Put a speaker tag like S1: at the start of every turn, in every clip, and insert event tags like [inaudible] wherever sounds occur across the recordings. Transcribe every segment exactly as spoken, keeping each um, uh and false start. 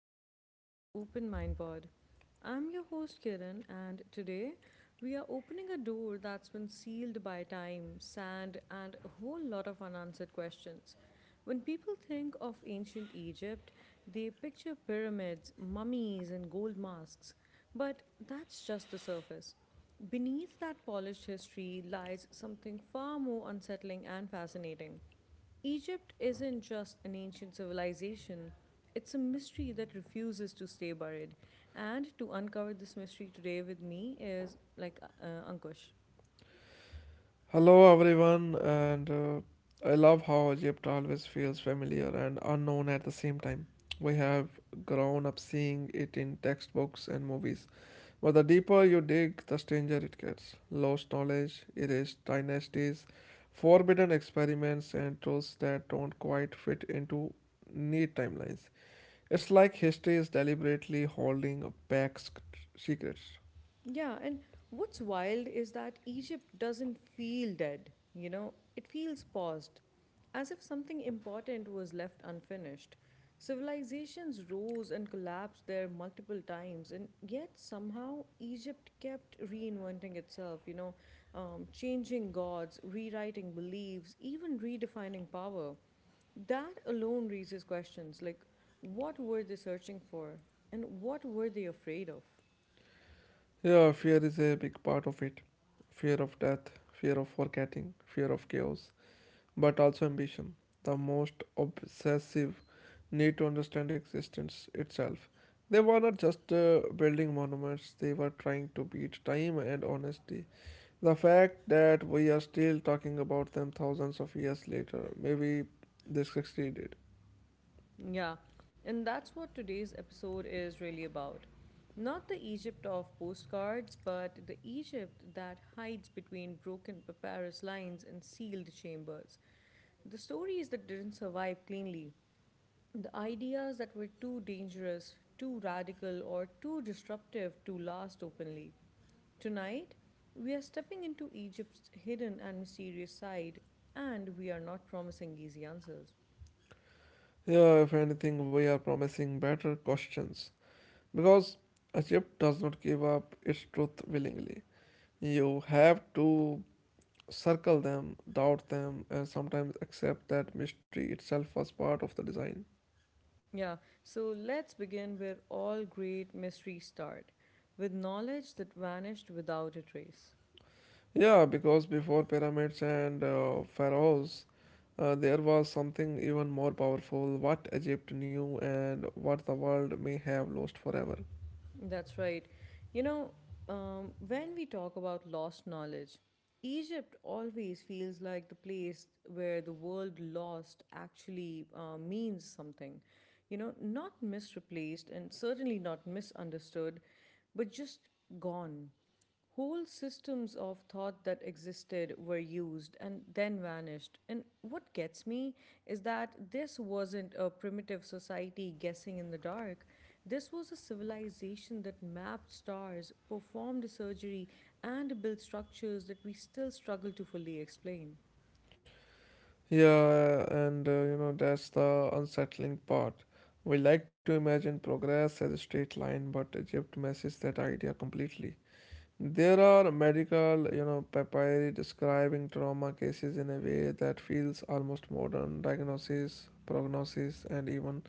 S1: welcome back to the Open Mind Pod. I'm your host Kiran, and today we are opening a door that's been sealed by time, sand, and a whole lot of unanswered questions. When people think of ancient Egypt, they picture pyramids, mummies, and gold masks, but that's just the surface. Beneath that polished history lies something far more unsettling and fascinating. Egypt isn't just an ancient civilization, it's a mystery that refuses to stay buried. And to uncover this mystery today with me is like uh, Ankush.
S2: Hello everyone, and uh, I love how Egypt always feels familiar and unknown at the same time. We have grown up seeing it in textbooks and movies, but the deeper you dig, the stranger it gets. Lost knowledge, erased dynasties, forbidden experiments, and truths that don't quite fit into neat timelines. It's like history is deliberately holding back sc- secrets.
S1: Yeah, and what's wild is that Egypt doesn't feel dead, you know, it feels paused, as if something important was left unfinished. Civilizations rose and collapsed there multiple times, and yet somehow Egypt kept reinventing itself, you know, um, changing gods, rewriting beliefs, even redefining power. That alone raises questions like what were they searching for and what were they afraid of?
S2: Yeah, fear is a big part of it. Fear of death, fear of forgetting, fear of chaos, but also ambition. The most obsessive need to understand existence itself. They were not just uh, building monuments, they were trying to beat time and honesty. The fact that we are still talking about them thousands of years later, maybe they succeeded.
S1: Yeah, and that's what today's episode is really about. Not the Egypt of postcards, but the Egypt that hides between broken papyrus lines and sealed chambers. The stories that didn't survive cleanly, the ideas that were too dangerous, too radical, or too disruptive to last openly. Tonight, we are stepping into Egypt's hidden and mysterious side, and we are not promising easy answers.
S2: Yeah, if anything, we are promising better questions. Because Egypt does not give up its truth willingly. You have to circle them, doubt them, and sometimes accept that mystery itself was part of the design.
S1: Yeah, so let's begin where all great mysteries start with knowledge that vanished without a trace.
S2: Yeah, because before pyramids and uh, pharaohs, uh, there was something even more powerful, what Egypt knew and what the world may have lost forever.
S1: That's right. You know, um, when we talk about lost knowledge, Egypt always feels like the place where the word lost actually uh, means something. You know, not misreplaced and certainly not misunderstood, but just gone. Whole systems of thought that existed were used and then vanished. And what gets me is that this wasn't a primitive society guessing in the dark. This was a civilization that mapped stars, performed surgery, and built structures that we still struggle to fully explain.
S2: Yeah, and uh, you know, that's the unsettling part. We like to imagine progress as a straight line, but Egypt messes that idea completely. There are medical, you know, papyri describing trauma cases in a way that feels almost modern. Diagnosis, prognosis, and even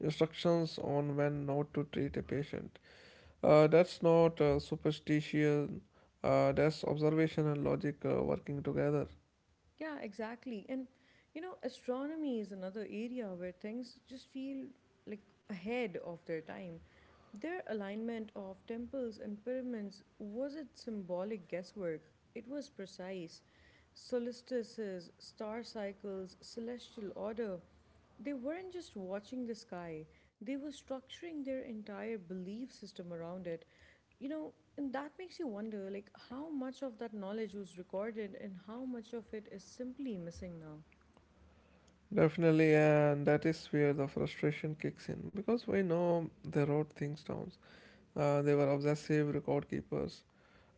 S2: instructions on when not to treat a patient. Uh, that's not uh, superstition. Uh, that's observation and logic uh, working together.
S1: Yeah, exactly. And you know, astronomy is another area where things just feel like ahead of their time. Their alignment of temples and pyramids wasn't symbolic guesswork, it was precise. Solstices, star cycles, celestial order. They weren't just watching the sky, they were structuring their entire belief system around it. You know, and that makes you wonder like how much of that knowledge was recorded and how much of it is simply missing now.
S2: Definitely, and that is where the frustration kicks in because we know they wrote things down. Uh, they were obsessive record keepers.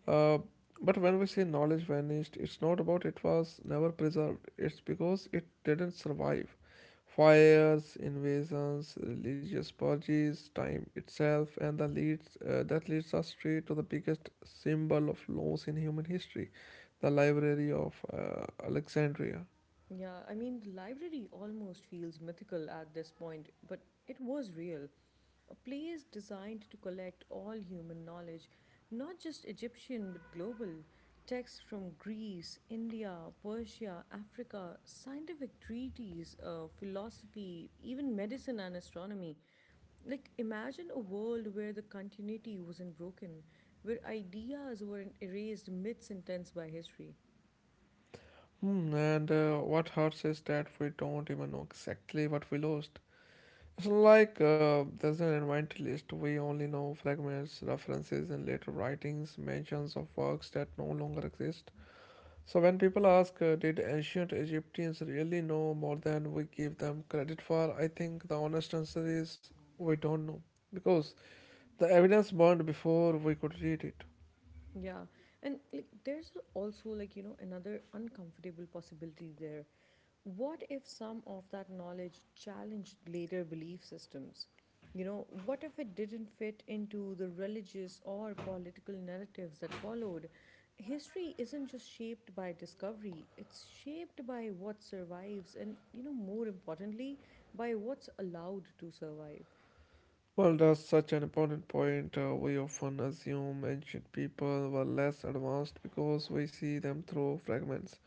S2: Uh, but when we say knowledge vanished, it's not about it was never preserved. It's because it didn't survive. Fires, invasions, religious purges, time itself, and the leads uh, that leads us straight to the biggest symbol of loss in human history, the Library of uh, Alexandria.
S1: Yeah, I mean, the library almost feels mythical at this point, but it was real. A place designed to collect all human knowledge, not just Egyptian, but global. Texts from Greece, India, Persia, Africa, scientific treaties, uh, philosophy, even medicine and astronomy. Like, imagine a world where the continuity wasn't broken, where ideas weren't erased, myths intense by history.
S2: Hmm, and uh, what hurts is that we don't even know exactly what we lost. So, like, uh, there's an invite list. We only know fragments, references, and later writings, mentions of works that no longer exist. So, when people ask, uh, did ancient Egyptians really know more than we give them credit for? I think the honest answer is we don't know because the evidence burned before we could read it.
S1: Yeah, and like there's also like you know another uncomfortable possibility there. What if some of that knowledge challenged later belief systems? You know, what if it didn't fit into the religious or political narratives that followed? History isn't just shaped by discovery, it's shaped by what survives and, you know, more importantly, by what's allowed to survive.
S2: Well, that's such an important point. Uh, we often assume ancient people were less advanced because we see them through fragments.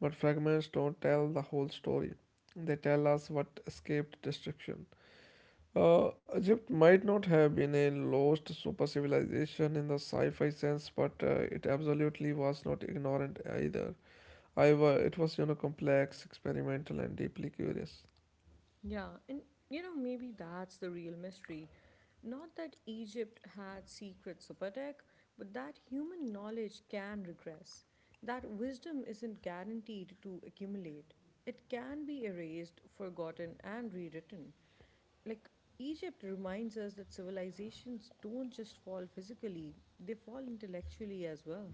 S2: But fragments don't tell the whole story. They tell us what escaped destruction. Uh, Egypt might not have been a lost super civilization in the sci-fi sense, but uh, it absolutely was not ignorant either. However, it was, you know, complex, experimental, and deeply curious.
S1: Yeah, and you know, maybe that's the real mystery. Not that Egypt had secret super tech, but that human knowledge can regress. That wisdom isn't guaranteed to accumulate. It can be erased, forgotten, and rewritten. Like, Egypt reminds us that civilizations don't just fall physically, they fall intellectually as well.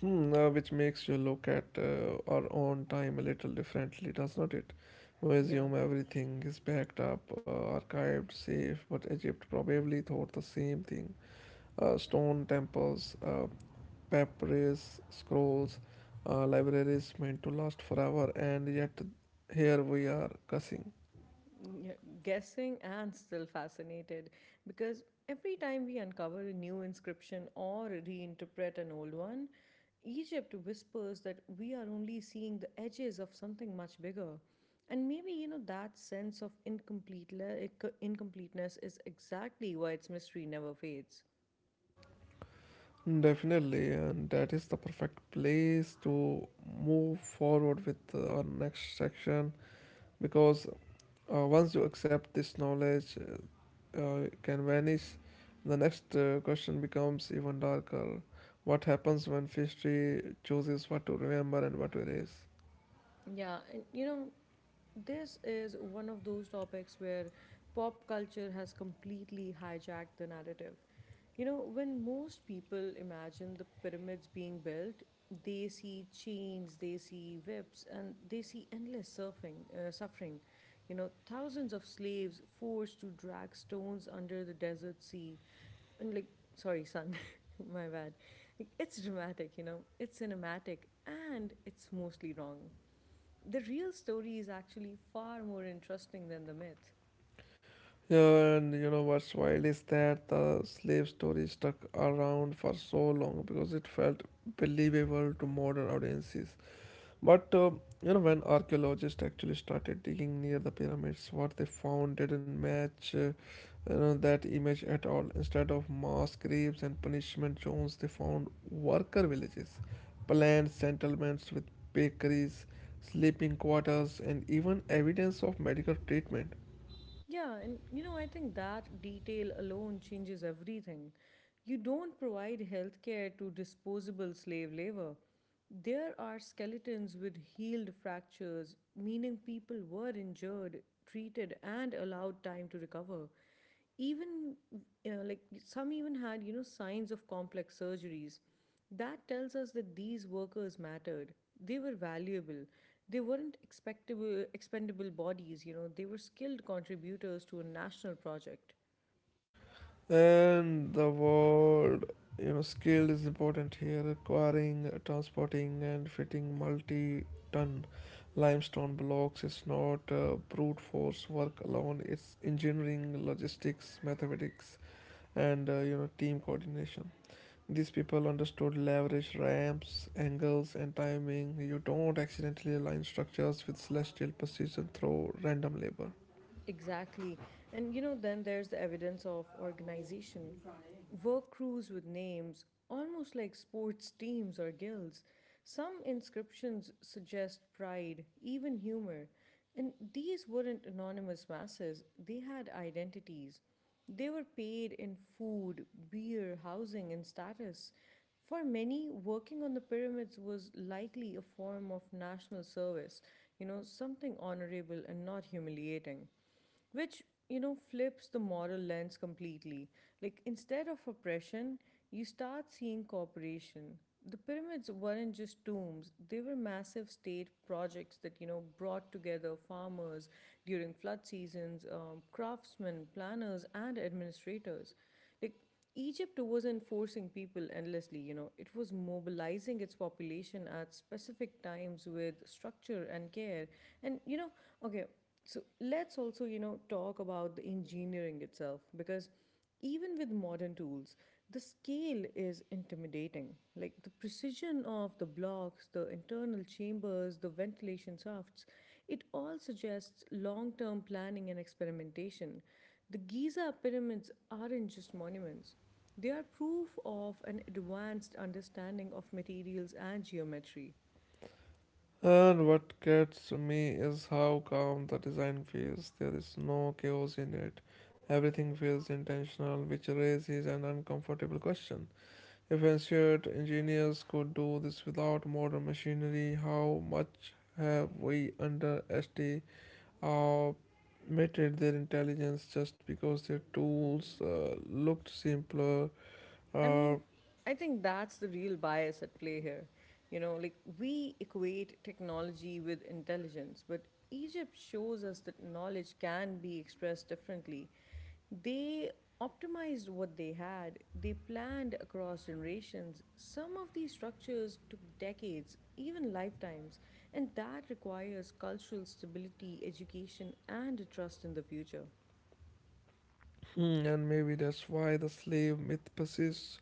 S2: Hmm, uh, which makes you look at uh, our own time a little differently, does not it? We
S1: Yeah.
S2: assume everything is backed up, uh, archived, safe, but Egypt probably thought the same thing. Uh, stone temples, uh, papyrus, scrolls, uh, libraries meant to last forever, and yet here we are cussing.
S1: Yeah, guessing and still fascinated because every time we uncover a new inscription or reinterpret an old one, Egypt whispers that we are only seeing the edges of something much bigger. And maybe, you know, that sense of incomplete like, incompleteness is exactly why its mystery never fades.
S2: Definitely, and that is the perfect place to move forward with uh, our next section because uh, once you accept this knowledge uh, can vanish, the next uh, question becomes even darker. What happens when history chooses what to remember and what to erase?
S1: Yeah, and you know, this is one of those topics where pop culture has completely hijacked the narrative. You know, when most people imagine the pyramids being built, they see chains, they see whips, and they see endless surfing, uh, suffering. You know, thousands of slaves forced to drag stones under the desert sea. And, like, sorry, sun, [laughs] my bad. Like, it's dramatic, you know, it's cinematic, and it's mostly wrong the real story is actually far more interesting than the myth.
S2: Yeah, and you know what's wild is that the slave story stuck around for so long because it felt believable to modern audiences. But uh, you know, when archaeologists actually started digging near the pyramids, what they found didn't match uh, you know, that image at all. Instead of mass graves and punishment zones, they found worker villages, planned settlements with bakeries, sleeping quarters, and even evidence of medical treatment.
S1: Yeah, and you know, I think that detail alone changes everything. You don't provide healthcare to disposable slave labor. There are skeletons with healed fractures, meaning people were injured, treated, and allowed time to recover. Even uh, like some even had, you know, signs of complex surgeries. That tells us that these workers mattered. They were valuable. They weren't expectable, expendable bodies, you know, they were skilled contributors to a national project.
S2: And the word, you know, skill is important here. Acquiring, transporting, and fitting multi ton limestone blocks is not uh, brute force work alone, it's engineering, logistics, mathematics, and uh, you know, team coordination. These people understood leverage ramps, angles, and timing. You don't accidentally align structures with celestial precision through random labor.
S1: Exactly. And you know, then there's the evidence of organization. Work crews with names, almost like sports teams or guilds. Some inscriptions suggest pride, even humor. And these weren't anonymous masses, they had identities. They were paid in food, beer, housing, and status. For many, working on the pyramids was likely a form of national service, you know, something honorable and not humiliating, which, you know, flips the moral lens completely. Like, instead of oppression, you start seeing cooperation. The pyramids weren't just tombs, they were massive state projects that, you know, brought together farmers during flood seasons, um, craftsmen, planners, and administrators. Like, Egypt wasn't forcing people endlessly, you know, it was mobilizing its population at specific times with structure and care. And, you know, okay, so let's also, you know, talk about the engineering itself because even with modern tools, the scale is intimidating. Like the precision of the blocks, the internal chambers, the ventilation shafts, it all suggests long term planning and experimentation. The Giza pyramids aren't just monuments, they are proof of an advanced understanding of materials and geometry.
S2: And what gets me is how calm the design feels. There is no chaos in it. Everything feels intentional, which raises an uncomfortable question. If ancient engineers could do this without modern machinery, how much have we underestimated their intelligence just because their tools uh, looked simpler?
S1: I
S2: Uh,
S1: mean, I think that's the real bias at play here. You know, like we equate technology with intelligence, but Egypt shows us that knowledge can be expressed differently. They optimized what they had, they planned across generations. Some of these structures took decades, even lifetimes, and that requires cultural stability, education, and a trust in the future.
S2: [clears throat] and maybe that's why the slave myth persists.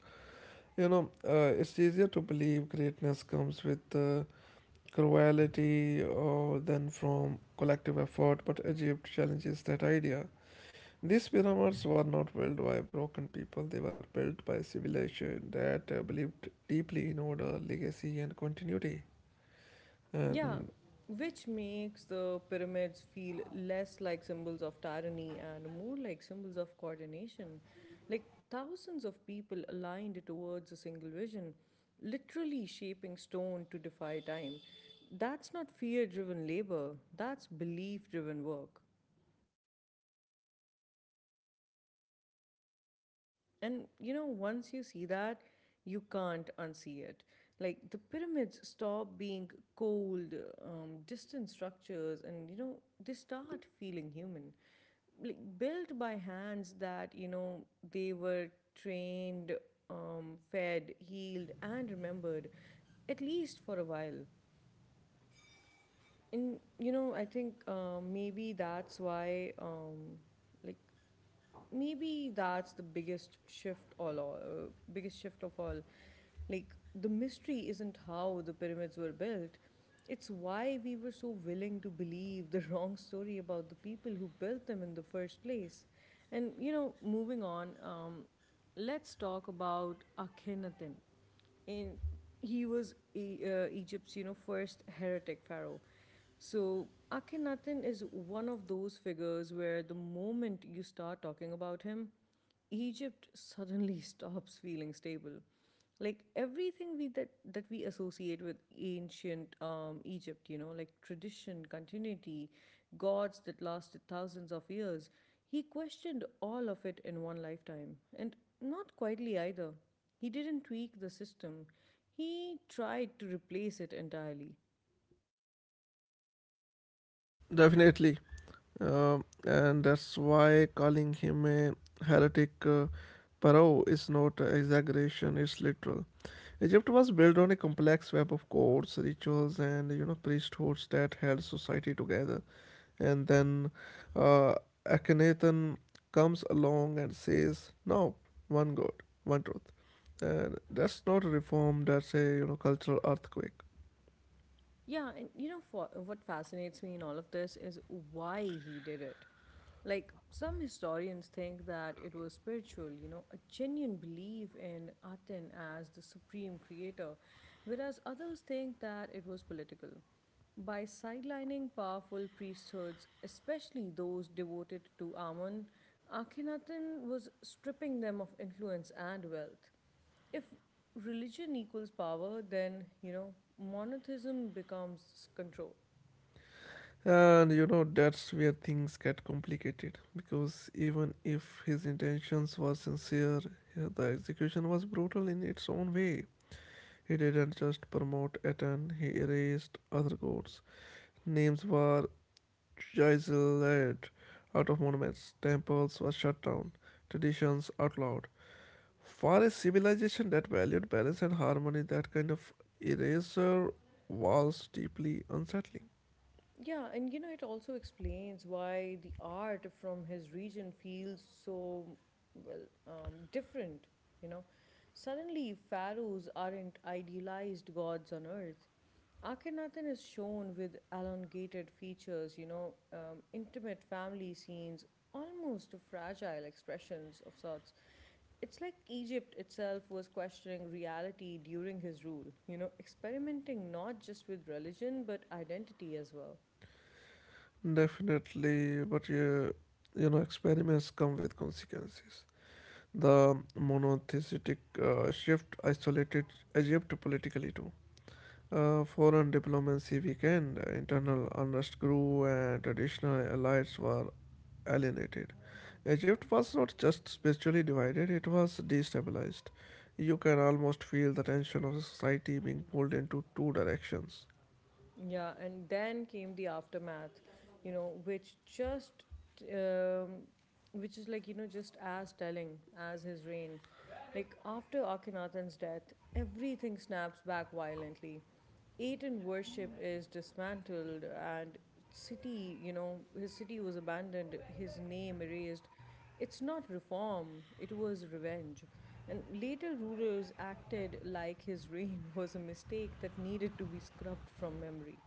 S2: You know, uh, it's easier to believe greatness comes with uh, cruelty or than from collective effort, but Egypt challenges that idea. These pyramids were not built by broken people, they were built by a civilization that uh, believed deeply in order, legacy, and continuity. And
S1: Yeah, which makes the pyramids feel less like symbols of tyranny and more like symbols of coordination. Like thousands of people aligned towards a single vision, literally shaping stone to defy time. That's not fear driven labor, that's belief driven work. And you know, once you see that, you can't unsee it. Like the pyramids stop being cold, um, distant structures, and you know, they start feeling human. Like built by hands that, you know, they were trained, um, fed, healed, and remembered, at least for a while. And you know, I think uh, maybe that's why, um, like, maybe that's the biggest shift all, all biggest shift of all like the mystery isn't how the pyramids were built, it's why we were so willing to believe the [laughs] wrong story about the people who built them in the first place. And you know moving on, um, let's talk about Akhenaten, and he was E- uh, Egypt's, you know, first heretic pharaoh. So Akhenaten is one of those figures where the moment you start talking about him, Egypt suddenly [laughs] stops feeling stable. Like everything we that that we associate with ancient um, Egypt, you know, like tradition, continuity, gods that lasted thousands of years, he questioned all of it in one lifetime, and not quietly either. He didn't tweak the system, he tried to replace it entirely.
S2: definitely, um, and that's why calling him a heretic uh, pharaoh is not an exaggeration, it's literal. Egypt was built on a complex web of courts, rituals, and, you know, priesthoods that held society together. And then uh, Akhenaten comes along and says, "No, one God, one truth." And that's not a reform. That's a, you know, cultural earthquake.
S1: Yeah, and you know for, what fascinates me in all of this is why he did it. Like some historians think that it was spiritual, you know, a genuine belief in Aten as the supreme creator, whereas others think that it was political. By sidelining powerful priesthoods, especially those devoted to Amun, Akhenaten was stripping them of influence and wealth if religion equals power, then you know monotheism becomes control.
S2: And you know that's where things get complicated because even if his intentions were sincere, yeah, the execution was brutal in its own way. He didn't just promote Aten, he erased other gods. Names were chiseled out of monuments. Temples were shut down. Traditions outlawed. For a civilization that valued balance and harmony, that kind of eraser was deeply unsettling.
S1: Yeah, and you know, it also explains why the art from his region feels so, well, um, different, you know. Suddenly, pharaohs aren't idealized gods on earth. Akhenaten is shown with elongated features, you know, um, intimate family scenes, almost fragile expressions of sorts. It's like Egypt itself was questioning reality during his rule, you know, experimenting not just with religion but identity as well.
S2: Definitely, but yeah, you know, experiments come with consequences. The monotheistic uh, shift isolated Egypt politically too. Uh, foreign diplomacy weakened, internal unrest grew, and traditional allies were alienated. Egypt was not just spiritually divided, it was destabilized. You can almost feel the tension of society being pulled into two directions.
S1: Yeah, and then came the aftermath, you know, which just, um, which is like, you know, just as telling as his reign. Like after Akhenaten's death, everything snaps back violently. Aten worship is dismantled and city, you know, his city was abandoned, his name erased. It's not reform, it was revenge. And later rulers acted like his reign [laughs] was a mistake that needed to be scrubbed from memory.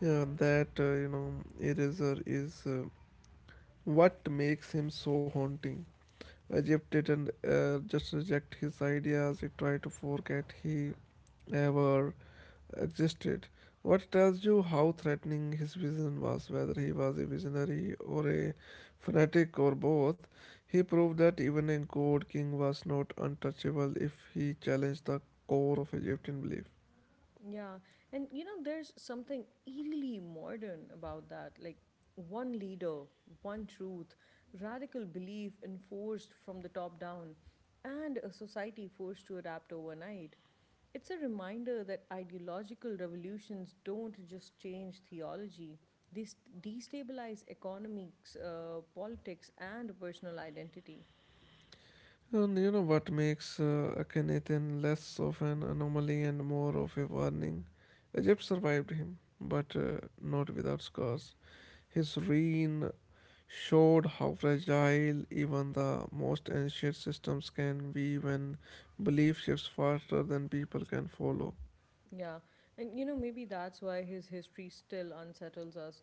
S2: Yeah, that, uh, you know, eraser is uh, what makes him so haunting. Egypt didn't uh, just reject his ideas, it tried to forget he ever existed. What tells you how threatening his vision was, whether he was a visionary or a fanatic or both. He proved that even a god king was not untouchable if he challenged the core of Egyptian belief.
S1: Yeah. And you know, there's something eerily modern about that. Like one leader, one truth, radical belief enforced from the top down, and a society forced to adapt overnight. It's a reminder that ideological revolutions don't just change theology, they s- destabilize economics, uh, politics, and personal identity.
S2: And you know what makes uh, Akhenaten less of an anomaly and more of a warning? Egypt survived him, but uh, not without scars. His reign showed how fragile even the most ancient systems can be when belief shifts faster than people can follow.
S1: Yeah, and you know, maybe that's why his history still unsettles us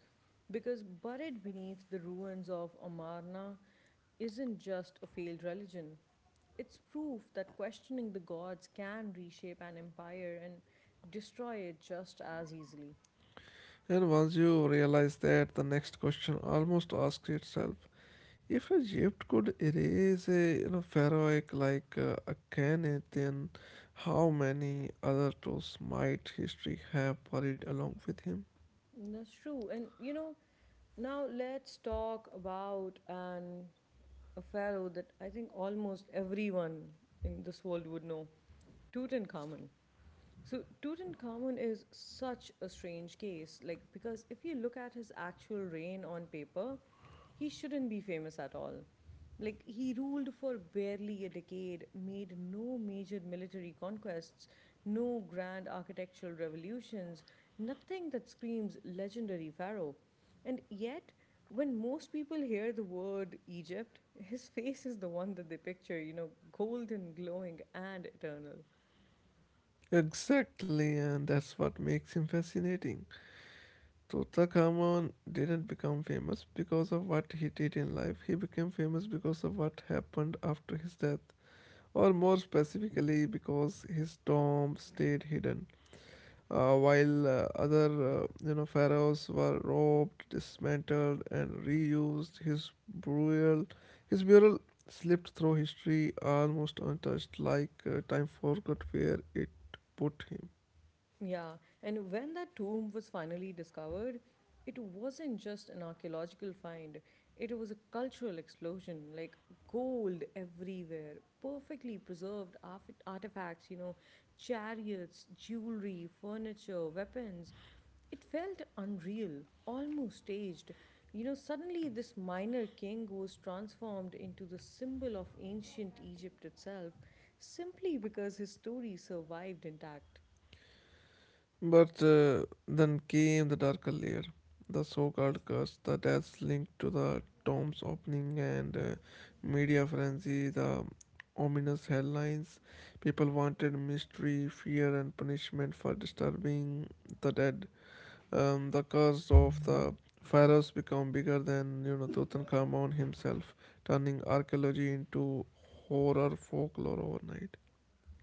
S1: because buried beneath the ruins of Amarna isn't just a failed religion, it's proof that questioning the gods can reshape an empire and destroy it just as easily.
S2: And once you realize that, the next question almost asks itself, if Egypt could erase a, you know, pharaohic like uh, Akhenaten, then how many other tools might history have buried along with him?
S1: That's true, and you know, now let's talk about an a pharaoh that I think almost everyone in this world would know, Tutankhamun. So Tutankhamun is such a strange case, like because if you look at his actual reign on paper, he shouldn't be famous at all. Like he ruled for barely a decade, made no major military conquests, no grand architectural revolutions, nothing that screams legendary pharaoh. And yet, when most people hear the word Egypt, his [laughs] face is the one that they picture, you know, golden, glowing, and eternal.
S2: Exactly, and that's what makes him fascinating. Tutankhamun didn't become famous because of what he did in life, he became famous because of what happened after his death, or more specifically, because his tomb stayed hidden. Uh, while uh, other uh, you know pharaohs were robbed, dismantled, and reused, his burial his burial slipped through history almost untouched, like uh, time forgot where it put him.
S1: Yeah, and when that tomb was finally discovered, it wasn't just an archaeological find, it was a cultural explosion, like gold everywhere, perfectly preserved arf- artifacts, you know, chariots, jewelry, furniture, weapons. It felt unreal, almost staged. You know, suddenly this minor king was transformed into the symbol of ancient Egypt itself simply because his story survived intact.
S2: But uh, then came the darker layer, the so called curse, the deaths linked to the tomb's opening and uh, media frenzy, the um, ominous headlines. People wanted mystery, fear, and punishment for disturbing the dead. Um, the curse of the pharaohs became bigger than, you know, Tutankhamun himself, turning archaeology into horror folklore overnight.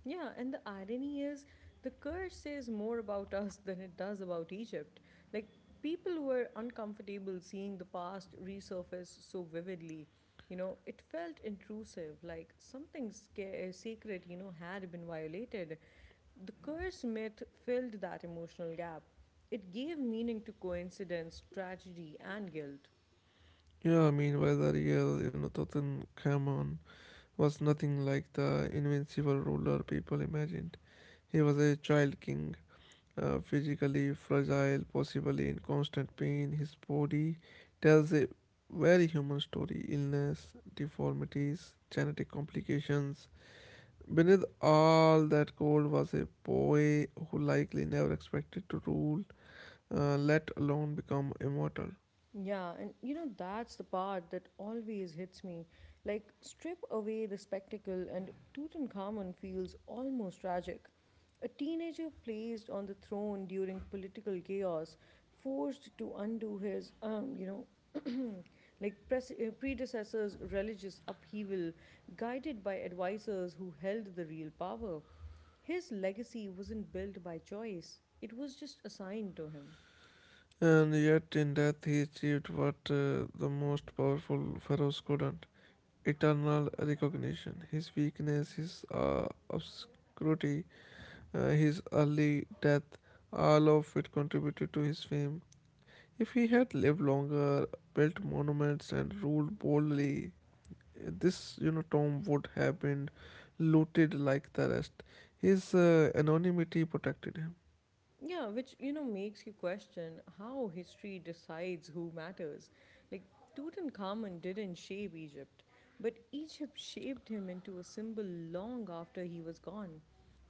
S1: Yeah, and the irony is the curse says more about us than it does about Egypt. Like, people were uncomfortable seeing the past resurface so vividly. You know, it felt intrusive, like something sca- sacred, you know, had been violated. The curse myth filled that emotional gap. It gave meaning to coincidence, tragedy, and guilt.
S2: Yeah, meanwhile the real, you know, Tutankhamun was nothing like the invincible ruler people imagined. He was a child king, uh, physically fragile, possibly in constant pain. His body tells a very human story, illness, deformities, genetic complications. Beneath all that cold was a boy who likely never expected to rule, uh, let alone become immortal.
S1: Yeah, and you know, that's the part that always hits me. Like, strip away the spectacle, and Tutankhamun feels almost tragic. A teenager placed on the throne during political chaos, forced to undo his, um, you know, [clears throat] like pres- uh, predecessor's religious upheaval, guided by advisors who held the real power. His legacy wasn't built by choice, it was just assigned to him.
S2: And yet, in death, he achieved what uh, the most powerful pharaohs couldn't. Eternal recognition. His weakness, his uh, obscurity, uh, his early death, all of it contributed to his fame. If he had lived longer, built monuments, and ruled boldly, this, you know, tomb would have been looted like the rest. His uh, anonymity protected him.
S1: Yeah, which you know makes you question how history decides who matters. Like, Tutankhamun didn't shape Egypt, but Egypt shaped him into a symbol long after he was gone.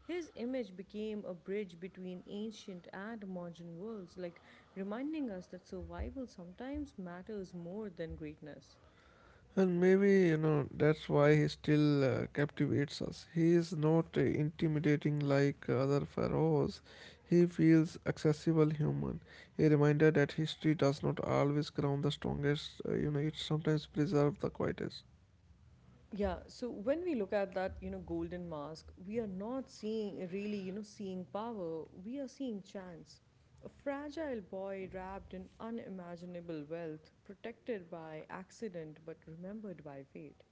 S1: His image became a bridge between ancient and modern worlds, like reminding us that survival sometimes matters more than greatness.
S2: And maybe, you know, that's why he still uh, captivates us. He is not uh, intimidating like other pharaohs. He feels accessible, human. A reminder that history does not always crown the strongest, uh, you know, it sometimes preserves the quietest.
S1: Yeah, so when we look at that, you know, golden mask, we are not seeing really, you know, seeing power. We are seeing chance. A fragile boy wrapped in unimaginable wealth, protected by accident but remembered by fate.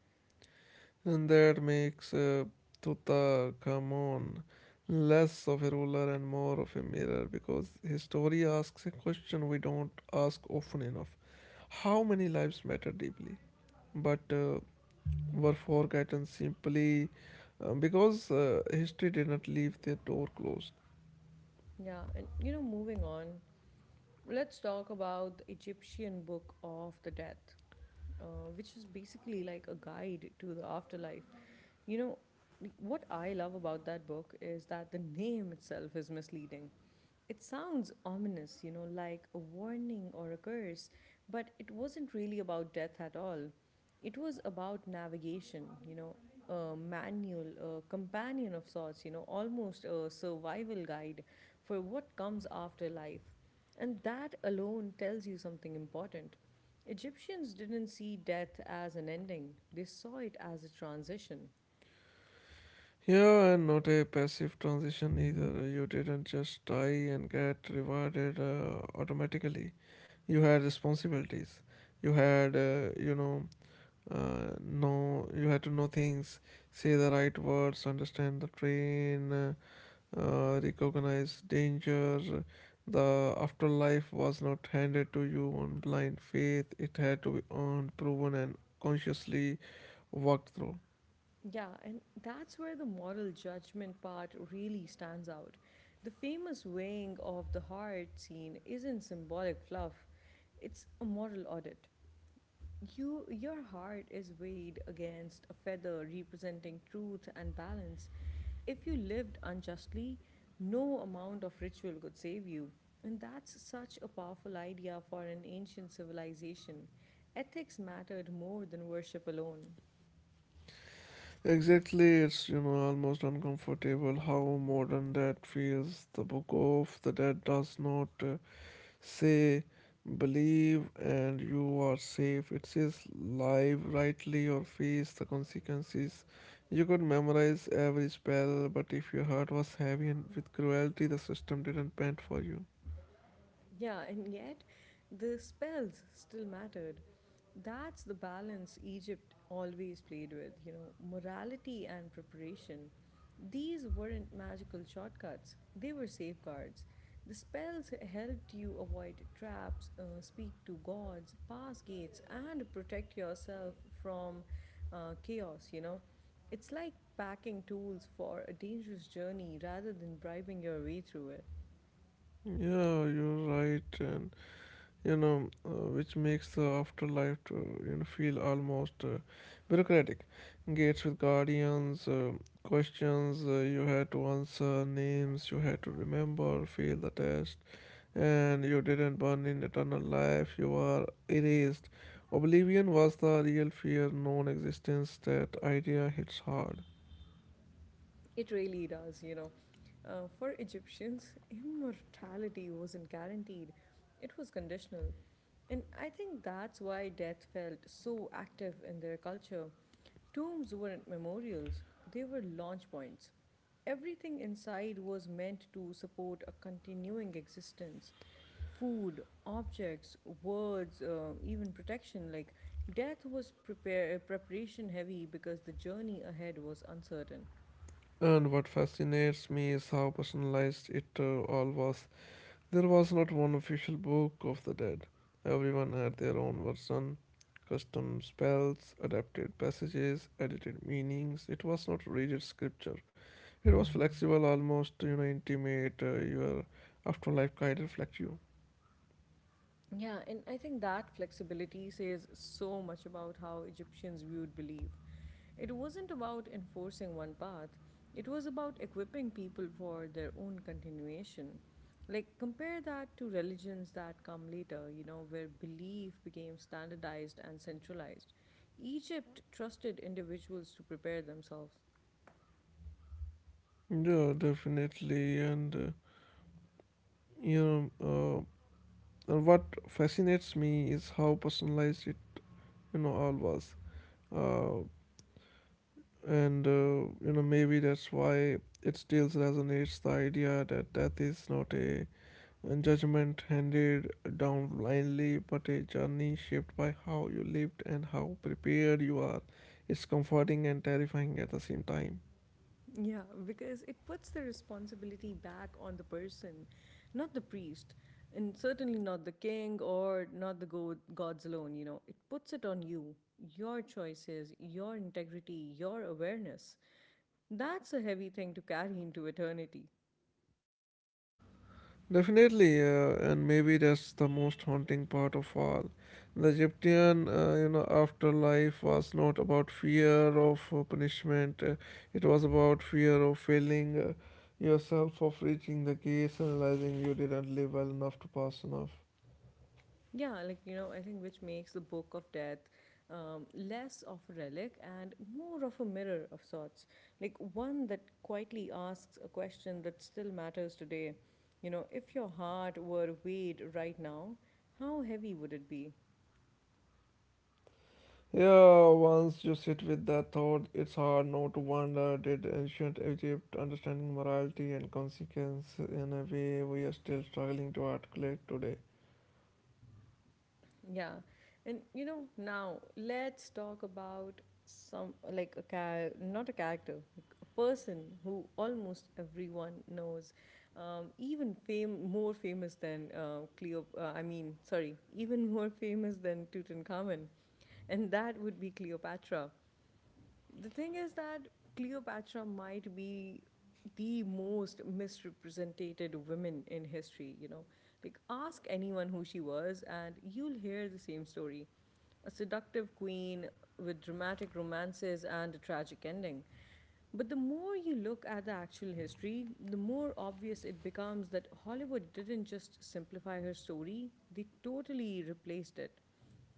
S2: And that makes uh, Tutankhamun less of a ruler and more of a mirror because his story asks a question we don't ask often enough. How many lives matter deeply? But uh, were forgotten simply uh, because uh, history did not leave their door closed.
S1: Yeah, and you know, moving on, let's talk about the Egyptian Book of the Death, uh, which is basically like a guide to the afterlife. You know, like, what I love about that book is that the name itself is misleading. It sounds ominous, you know, like a warning or a curse, but it wasn't really about death at all. It was about navigation, you know, a manual, a companion of sorts, you know, almost a survival guide for what comes after life. And that alone tells you something important. Egyptians didn't see death as an ending, they saw it as a transition.
S2: Yeah, and not a passive transition either. You didn't just die and get rewarded uh, automatically. You had responsibilities. You had, uh, you know, uh, know you had to know things, say the right words, understand the train, uh, uh, recognize danger. The afterlife was not handed to you on blind faith, it had to be earned, proven, and consciously walked through.
S1: Yeah, and that's where the moral judgment part really stands out. The famous weighing of the heart scene isn't symbolic fluff, it's a moral audit. You, your heart is weighed against a feather representing truth and balance. If you lived unjustly, no amount of ritual could save you. And that's such a powerful idea for an ancient civilization. Ethics mattered more than worship alone.
S2: Exactly, it's, you know, almost uncomfortable how modern that feels. The Book of the Dead does not uh, say, believe and you are safe. It says, live rightly or face the consequences. You could memorize every spell, but if your heart was heavy and with cruelty, the system didn't bend for you.
S1: Yeah, and yet the spells still mattered. That's the balance Egypt always played with, you know, morality and preparation. These weren't magical shortcuts, they were safeguards. The spells helped you avoid traps, uh, speak to gods, pass gates, and protect yourself from uh, chaos, you know. It's like packing tools for a dangerous journey rather than bribing your way through it.
S2: Yeah, you're right, and you know, uh, which makes the afterlife to, you know feel almost uh, bureaucratic. Gates with guardians, uh, questions uh, you had to answer, names you had to remember, fail the test. And you didn't burn in eternal life, you are erased. Oblivion was the real fear, non existence. That idea hits hard.
S1: It really does, you know. Uh, for Egyptians, immortality wasn't guaranteed, it was conditional. And I think that's why death felt so active in their culture. Tombs weren't memorials, they were launch points. Everything inside was meant to support a continuing existence, food, objects, words, uh, even protection. Like death was prepare, preparation heavy because the journey ahead was uncertain.
S2: And what fascinates me is how personalized it uh, all was. There was not one official book of the dead, everyone had their own version. Custom spells, adapted passages, edited meanings. It was not rigid scripture. It was flexible, almost you know, intimate. Uh, your afterlife guide reflects you.
S1: Yeah, and I think that flexibility says so much about how Egyptians viewed belief. It wasn't about enforcing one path, it was about equipping people for their own continuation. Like, compare that to religions that come later, you know, where belief became standardized and centralized. Egypt trusted individuals to prepare themselves.
S2: Yeah, definitely. And uh, you know, uh, and what fascinates me is how personalized it, you know, all was. Uh, and uh, you know, Maybe that's why it still resonates the idea that death is not a, a judgment handed down blindly, but a journey shaped by how you lived and how prepared you are. It's comforting and terrifying at the same time.
S1: Yeah, because it puts the responsibility back on the person, not the priest, and certainly not the king or not the go- gods alone. You know, it puts it on you, your choices, your integrity, your awareness. That's a heavy thing to carry into eternity.
S2: Definitely, uh, and maybe that's the most haunting part of all. The Egyptian, uh, you know, afterlife was not about fear of uh, punishment. Uh, it was about fear of failing uh, yourself, of reaching the gates, and realizing you didn't live well enough to pass enough.
S1: Yeah, like, you know, I think which makes the Book of Death um, less of a relic and more of a mirror of sorts. Like one that quietly asks a question that still matters today. You know, if your heart were weighed right now, how heavy would it be?
S2: Yeah, once you sit with that thought, it's hard not to wonder did ancient Egypt understanding morality and consequence in a way we are still struggling to articulate today.
S1: Yeah. And you know, now let's talk about some like a char- not a character, like a person who almost everyone knows, um, even fame more famous than uh, Cleo. Uh, I mean, sorry, even more [laughs] famous than Tutankhamun, and that would be Cleopatra. The thing is that Cleopatra might be the most misrepresented woman in history, you know. Like, ask anyone who she was, and you'll hear the same story. A seductive queen with dramatic romances and a tragic ending. But the more you look at the actual history, the more obvious it becomes that Hollywood didn't just simplify her story, they totally replaced it.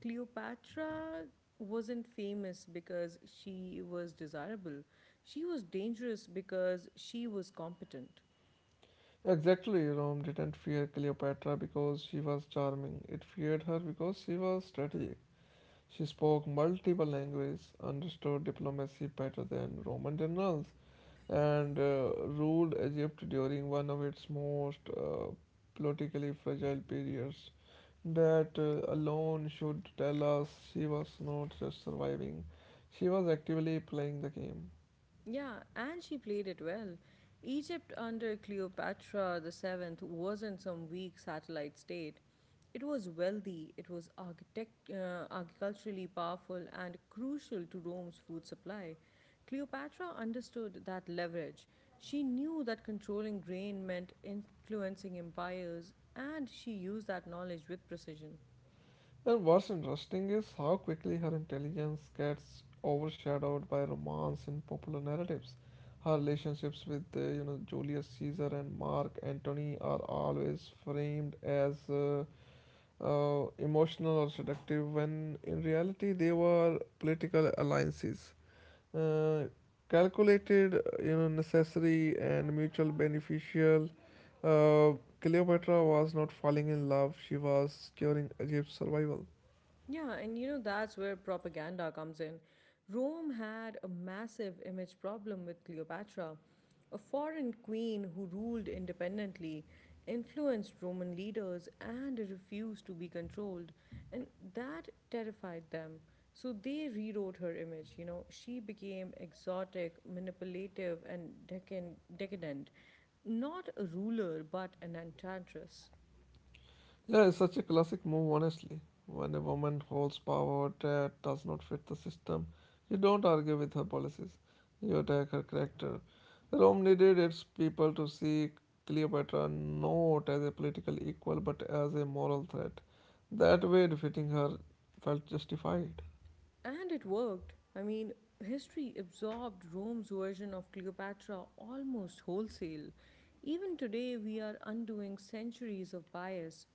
S1: Cleopatra wasn't famous because she was desirable. She was dangerous because she was competent.
S2: Exactly, Rome didn't fear Cleopatra because she was charming. It feared her because she was strategic. She spoke multiple languages, understood diplomacy better than Roman generals, and uh, ruled Egypt during one of its most uh, politically fragile periods. That uh, alone should tell us she was not just surviving, she was actively playing the game.
S1: Yeah, and she played it well. Egypt under Cleopatra seven wasn't some weak satellite state. It was wealthy, it was architect, uh, agriculturally powerful, and crucial to Rome's food supply. Cleopatra understood that leverage. She knew that controlling grain meant influencing empires, and she used that knowledge with precision.
S2: And what's interesting is how quickly her intelligence gets overshadowed by romance in popular narratives. Her relationships with uh, you know Julius Caesar and Mark Antony are always framed as uh, uh, emotional or seductive, when in reality they were political alliances, uh, calculated, uh, you know, necessary and mutual beneficial. Uh, Cleopatra was not falling in love; she was securing Egypt's survival.
S1: Yeah, and you know, that's where propaganda comes in. Rome had a massive image problem with Cleopatra, a foreign queen who ruled independently, influenced Roman leaders, and refused to be controlled. And that terrified them. So they rewrote her image. You know, she became exotic, manipulative, and decan- decadent. Not a ruler, but an enchantress.
S2: Yeah, it's such a classic move, honestly. When a woman holds power that does not fit the system, you don't argue with her policies, you attack her character. Rome needed its people to see Cleopatra not as a political equal but as a moral threat. That way, defeating her felt justified.
S1: And it worked. I mean, history absorbed Rome's version of Cleopatra almost wholesale. Even today, we are undoing centuries of bias.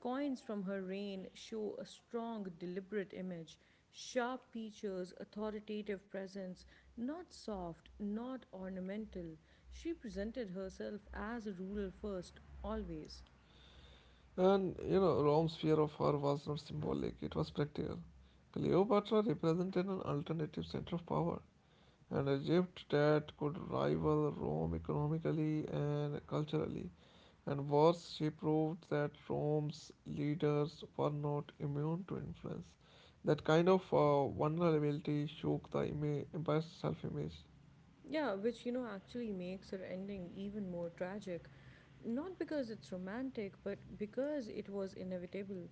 S1: Coins from her reign show a strong, deliberate image, sharp features, authoritative presence, not soft, not ornamental. She presented herself as a ruler first, always.
S2: And you know, Rome's fear of her was not symbolic, it was practical. Cleopatra represented an alternative center of power, and Egypt that could rival Rome economically and culturally. And worse, she proved that Rome's leaders were not immune to influence. That kind of uh, vulnerability shook the ima- empire's self image.
S1: Yeah, which you know actually makes her ending even more tragic. Not because it's romantic, but because it was inevitable.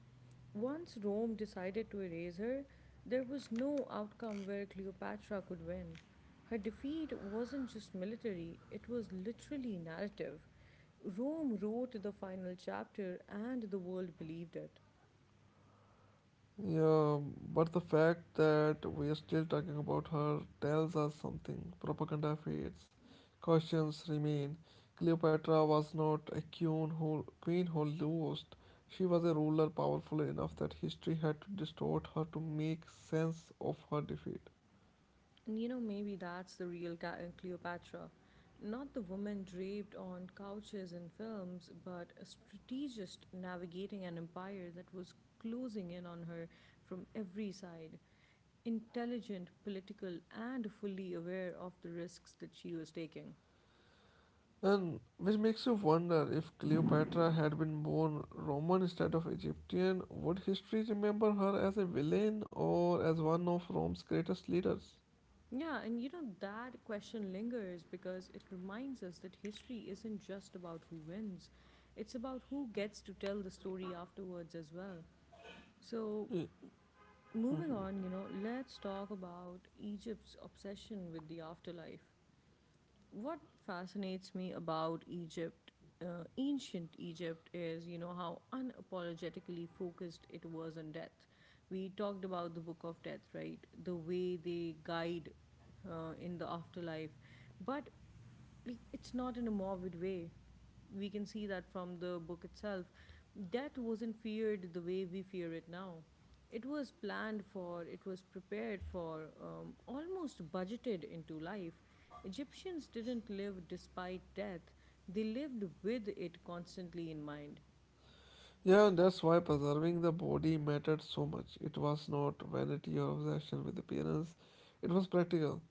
S1: Once Rome decided to erase her, there was no outcome where Cleopatra could win. Her defeat wasn't just military, it was literally narrative. Rome wrote the final chapter and the world believed it.
S2: Yeah, but the fact that we are still talking about her tells us something. Propaganda fades, questions remain. Cleopatra was not a queen who, queen who lost. She was a ruler powerful enough that history had to distort her to make sense of her defeat.
S1: And you know, maybe that's the real Ca- uh, Cleopatra. Not the woman draped on couches in films, but a strategist navigating an empire that was closing in on her from every side. Intelligent, political, and fully aware of the risks that she was taking.
S2: And which makes you wonder if Cleopatra had been born Roman instead of Egyptian, would history remember her as a villain or as one of Rome's greatest leaders?
S1: Yeah, and you know, that question lingers because it reminds us that history isn't just about who wins, it's about who gets to tell the story afterwards as well. So, moving on, you know, let's talk about Egypt's obsession with the afterlife. What fascinates me about Egypt, uh, ancient Egypt, is, you know, how unapologetically focused it was on death. We talked about the Book of Death, right? The way they guide uh, in the afterlife. But like it's not in a morbid way. We can see that from the book itself. Death wasn't feared the way we fear it now. It was planned for, it was prepared for, um, almost budgeted into life. Egyptians didn't live despite death, they lived with it constantly in mind.
S2: Yeah, and that's why preserving the body mattered so much. It was not vanity or obsession with appearance, it was practical.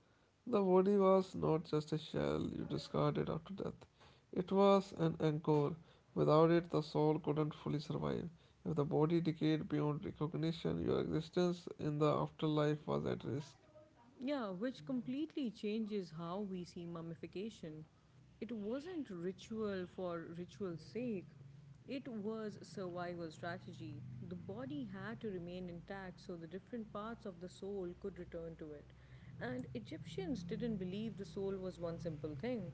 S2: The body was not just a shell you discarded after death, it was an anchor. Without it, the soul couldn't fully survive. If the body decayed beyond recognition, your existence in the afterlife was at risk.
S1: Yeah, which completely changes how we see mummification. It wasn't ritual for ritual's sake, it was survival strategy. The body had to remain intact so the different parts of the soul could return to it. And Egyptians didn't believe the soul was one simple thing.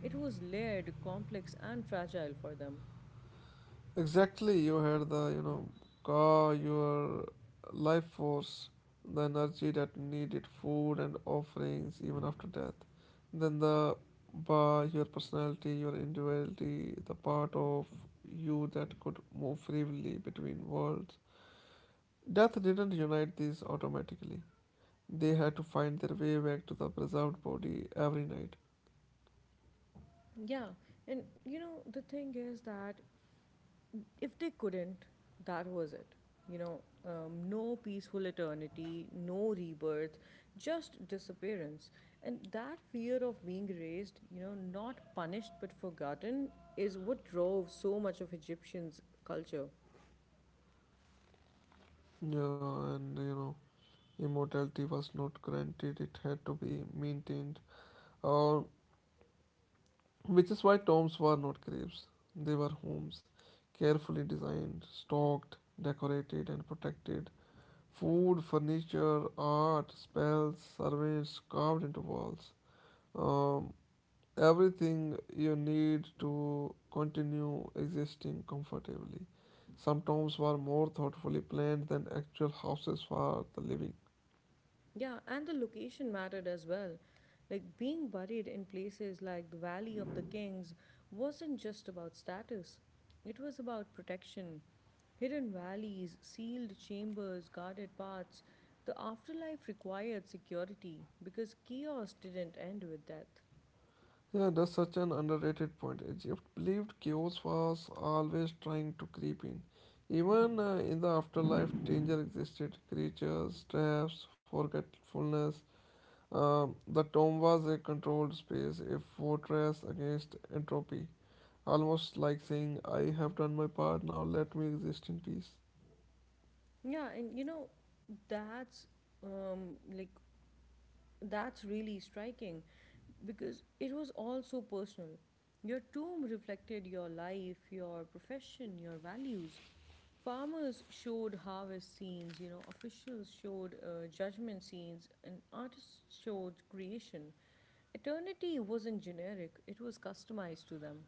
S1: It was layered, complex, and fragile for them.
S2: Exactly, you had the, you know, car, your life force, the energy that needed food and offerings even after death. Then the bar, your personality, your individuality, the part of you that could move freely between worlds. Death didn't unite these automatically. They had to find their way back to the preserved body every night.
S1: Yeah, and you know, the thing is that if they couldn't, that was it. You know, um, no peaceful eternity, no rebirth, just disappearance. And that fear of being raised, you know, not punished but forgotten, is what drove so much of Egyptians' culture.
S2: Yeah, and you know, immortality was not granted, it had to be maintained or which is why tombs were not graves, they were homes, carefully designed, stocked, decorated, and protected. Food, furniture, art, spells, servants carved into walls. Um, Everything you need to continue existing comfortably. Some tombs were more thoughtfully planned than actual houses for the living.
S1: Yeah, and the location mattered as well. Like being buried in places like the Valley of the Kings wasn't just about status, it was about protection. Hidden valleys, sealed chambers, guarded paths. The afterlife required security because chaos didn't end with death.
S2: Yeah, that's such an underrated point. Egypt believed chaos was always trying to creep in. Even uh, in the afterlife, danger existed. Creatures, traps, forgetfulness. Um, the tomb was a controlled space, a fortress against entropy. Almost like saying, I have done my part, now let me exist in peace.
S1: Yeah, and you know, that's um, like that's really striking because it was all so personal. Your tomb reflected your life, your profession, your values. Farmers showed harvest scenes, you know, officials showed uh, judgment scenes, and artists showed creation. Eternity wasn't generic, it was customized to them.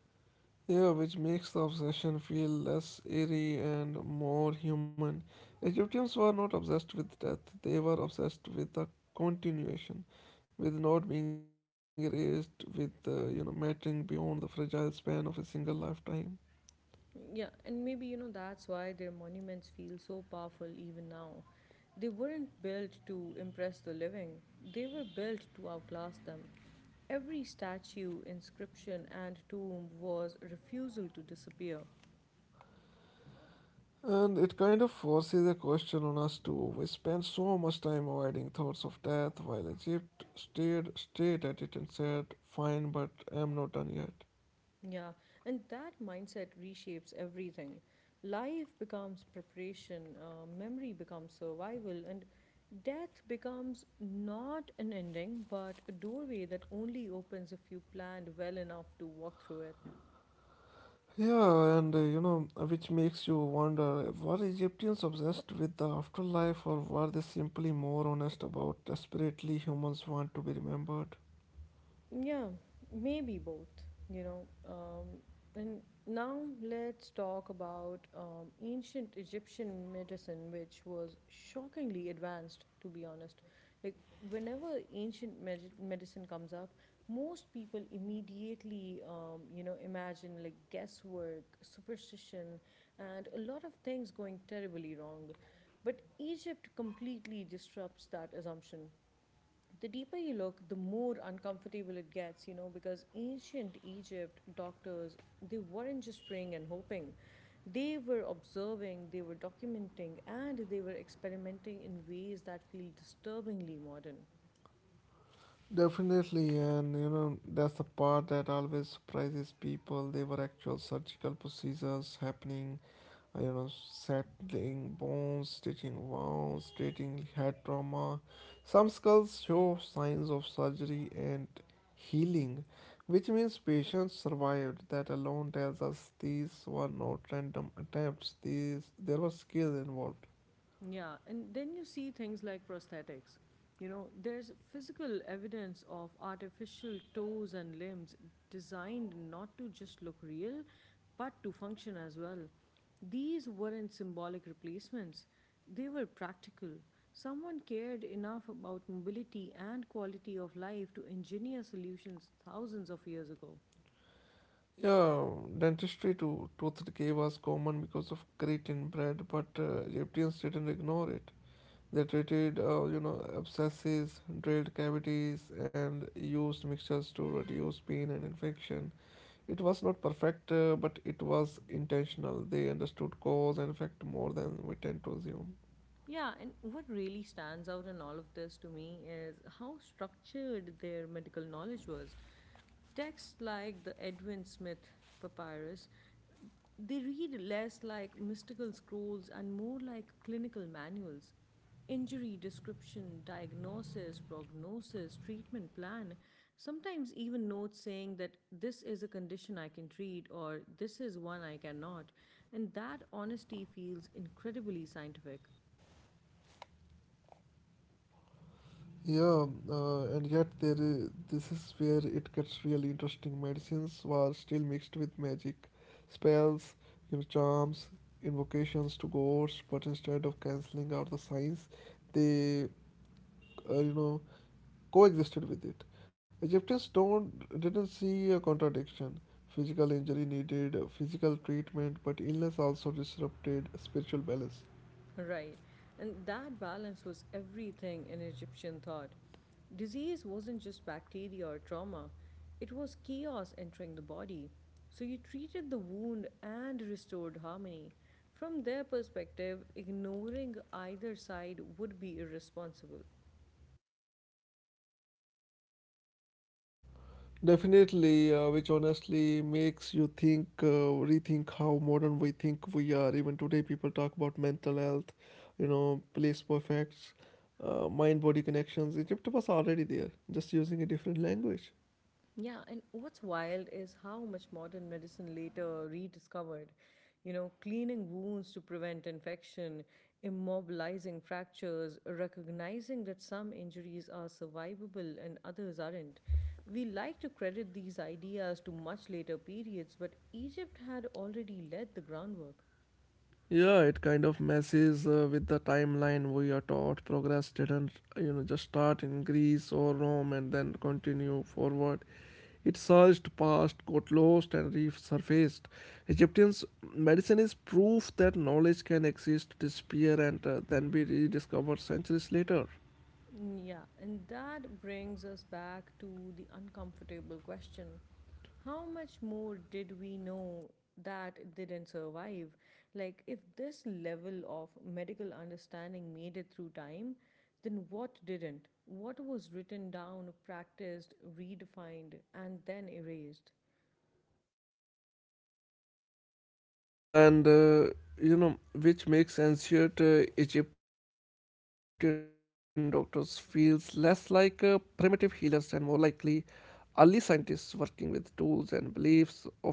S2: Yeah, which makes the obsession feel less eerie and more human. Egyptians were not obsessed with death, they were obsessed with the continuation, with not being erased, with, uh, you know, mattering beyond the fragile span of a single lifetime.
S1: Yeah, and maybe you know that's why their monuments feel so powerful even now. They weren't built to impress the living, they were built to outlast them. Every statue, inscription, and tomb was a refusal to disappear.
S2: And it kind of forces a question on us too. We spend so much time avoiding thoughts of death, while Egypt stared straight at it and said, "Fine, but I'm not done yet."
S1: Yeah, and that mindset reshapes everything. Life becomes preparation, uh, memory becomes survival, and death becomes not an ending, but a doorway that only opens if you planned well enough to walk through it.
S2: Yeah, and uh, you know, which makes you wonder were Egyptians obsessed with the afterlife or were they simply more honest about desperately humans want to be remembered?
S1: Yeah, maybe both, you know. Um, and now let's talk about um, ancient Egyptian medicine, which was shockingly advanced, to be honest. Like, whenever ancient med- medicine comes up, most people immediately, um, you know, imagine like guesswork, superstition, and a lot of things going terribly wrong. But Egypt completely disrupts that assumption. The deeper you look, the more uncomfortable it gets, you know, because ancient Egypt doctors, they weren't just praying and hoping. They were observing, they were documenting, and they were experimenting in ways that feel disturbingly modern.
S2: Definitely, and you know, that's the part that always surprises people. They were actual surgical procedures happening, uh, you know, settling bones, stitching wounds, treating head trauma. Some skulls show signs of surgery and healing, which means patients survived. That alone tells us these were not random attempts, these, there was skill involved.
S1: Yeah, and then you see things like prosthetics. You know, there's physical evidence of artificial toes and limbs designed not to just look real, but to function as well. These weren't symbolic replacements, they were practical. Someone cared enough about mobility and quality of life to engineer solutions thousands of years ago.
S2: Yeah, dentistry to tooth decay was common because of grit in bread, but uh, Egyptians didn't ignore it. They treated, uh, you know, abscesses, drilled cavities, and used mixtures to reduce pain and infection. It was not perfect, uh, but it was intentional. They understood cause and effect more than we tend to assume.
S1: Yeah, and what really stands out in all of this to me is how structured their medical knowledge was. Texts like the Edwin Smith papyrus, they read less like mystical scrolls and more like clinical manuals. Injury description, diagnosis, prognosis, treatment plan, sometimes even notes saying that this is a condition I can treat or this is one I cannot. And that honesty feels incredibly scientific.
S2: Yeah, uh, and yet there i- this is where it gets really interesting. Medicines were still mixed with magic, spells, you know, charms, invocations to gods, but instead of canceling out the science, they uh, you know coexisted with it. Egyptians don't didn't see a contradiction. Physical injury needed uh, physical treatment, but illness also disrupted spiritual balance.
S1: Right. And that balance was everything in Egyptian thought. Disease wasn't just bacteria or trauma, it was chaos entering the body. So you treated the wound and restored harmony. From their perspective, ignoring either side would be irresponsible.
S2: Definitely, uh, which honestly makes you think, uh, rethink how modern we think we are. Even today, people talk about mental health, you know, place perfects, uh, mind body connections. Egypt was already there, just using a different language.
S1: Yeah, and what's wild is how much modern medicine later rediscovered. You know, cleaning wounds to prevent infection, immobilizing fractures, recognizing that some injuries are survivable and others aren't. We like to credit these ideas to much later periods, but Egypt had already laid the groundwork.
S2: Yeah, it kind of messes uh, with the timeline we are taught. Progress didn't, you know, just start in Greece or Rome and then continue forward. It surged past, got lost, and resurfaced. Egyptians' medicine is proof that knowledge can exist, disappear, and uh, then be rediscovered centuries later.
S1: Yeah, and that brings us back to the uncomfortable question. How much more did we know that didn't survive? Like, if this level of medical understanding made it through time, then what didn't? What was written down, practiced, redefined, and then erased?
S2: Hmm, and uh, you know, which makes ancient uh, Egyptian doctors feels less like uh, primitive healers and more likely early scientists working with tools and beliefs of their era.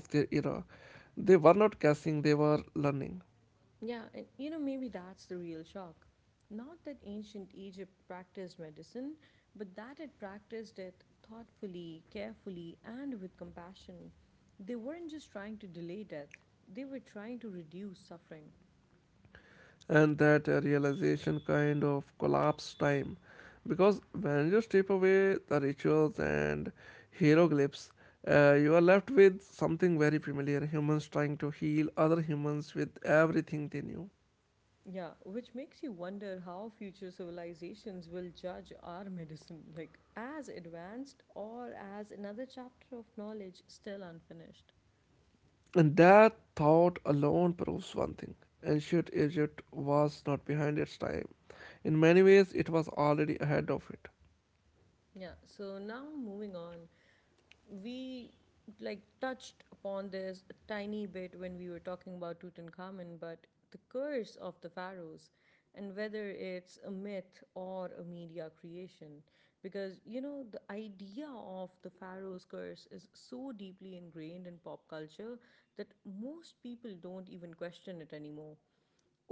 S2: They were not guessing; they were learning.
S1: Yeah, and you know, maybe that's the real shock. Not that ancient Egypt practiced medicine, but that it practiced it thoughtfully, carefully, and with compassion. They weren't just trying to delay death, they were trying to reduce suffering.
S2: And that uh, realization kind of collapsed time because when you strip away the rituals and hieroglyphs uh, you are left with something very familiar humans trying to heal other humans with everything they knew.
S1: Yeah, which makes you wonder how future civilizations will judge our medicine, like as advanced or as another chapter of knowledge still unfinished.
S2: And that thought alone proves one thing ancient egypt was not behind its time in many ways it was already ahead of it.
S1: Yeah, so now moving on. We like touched upon this a tiny bit when we were talking about Tutankhamun, but the curse of the pharaohs and whether it's a myth or a media creation, because you know the idea of the pharaoh's curse is so deeply ingrained in pop culture that most people don't even question it anymore.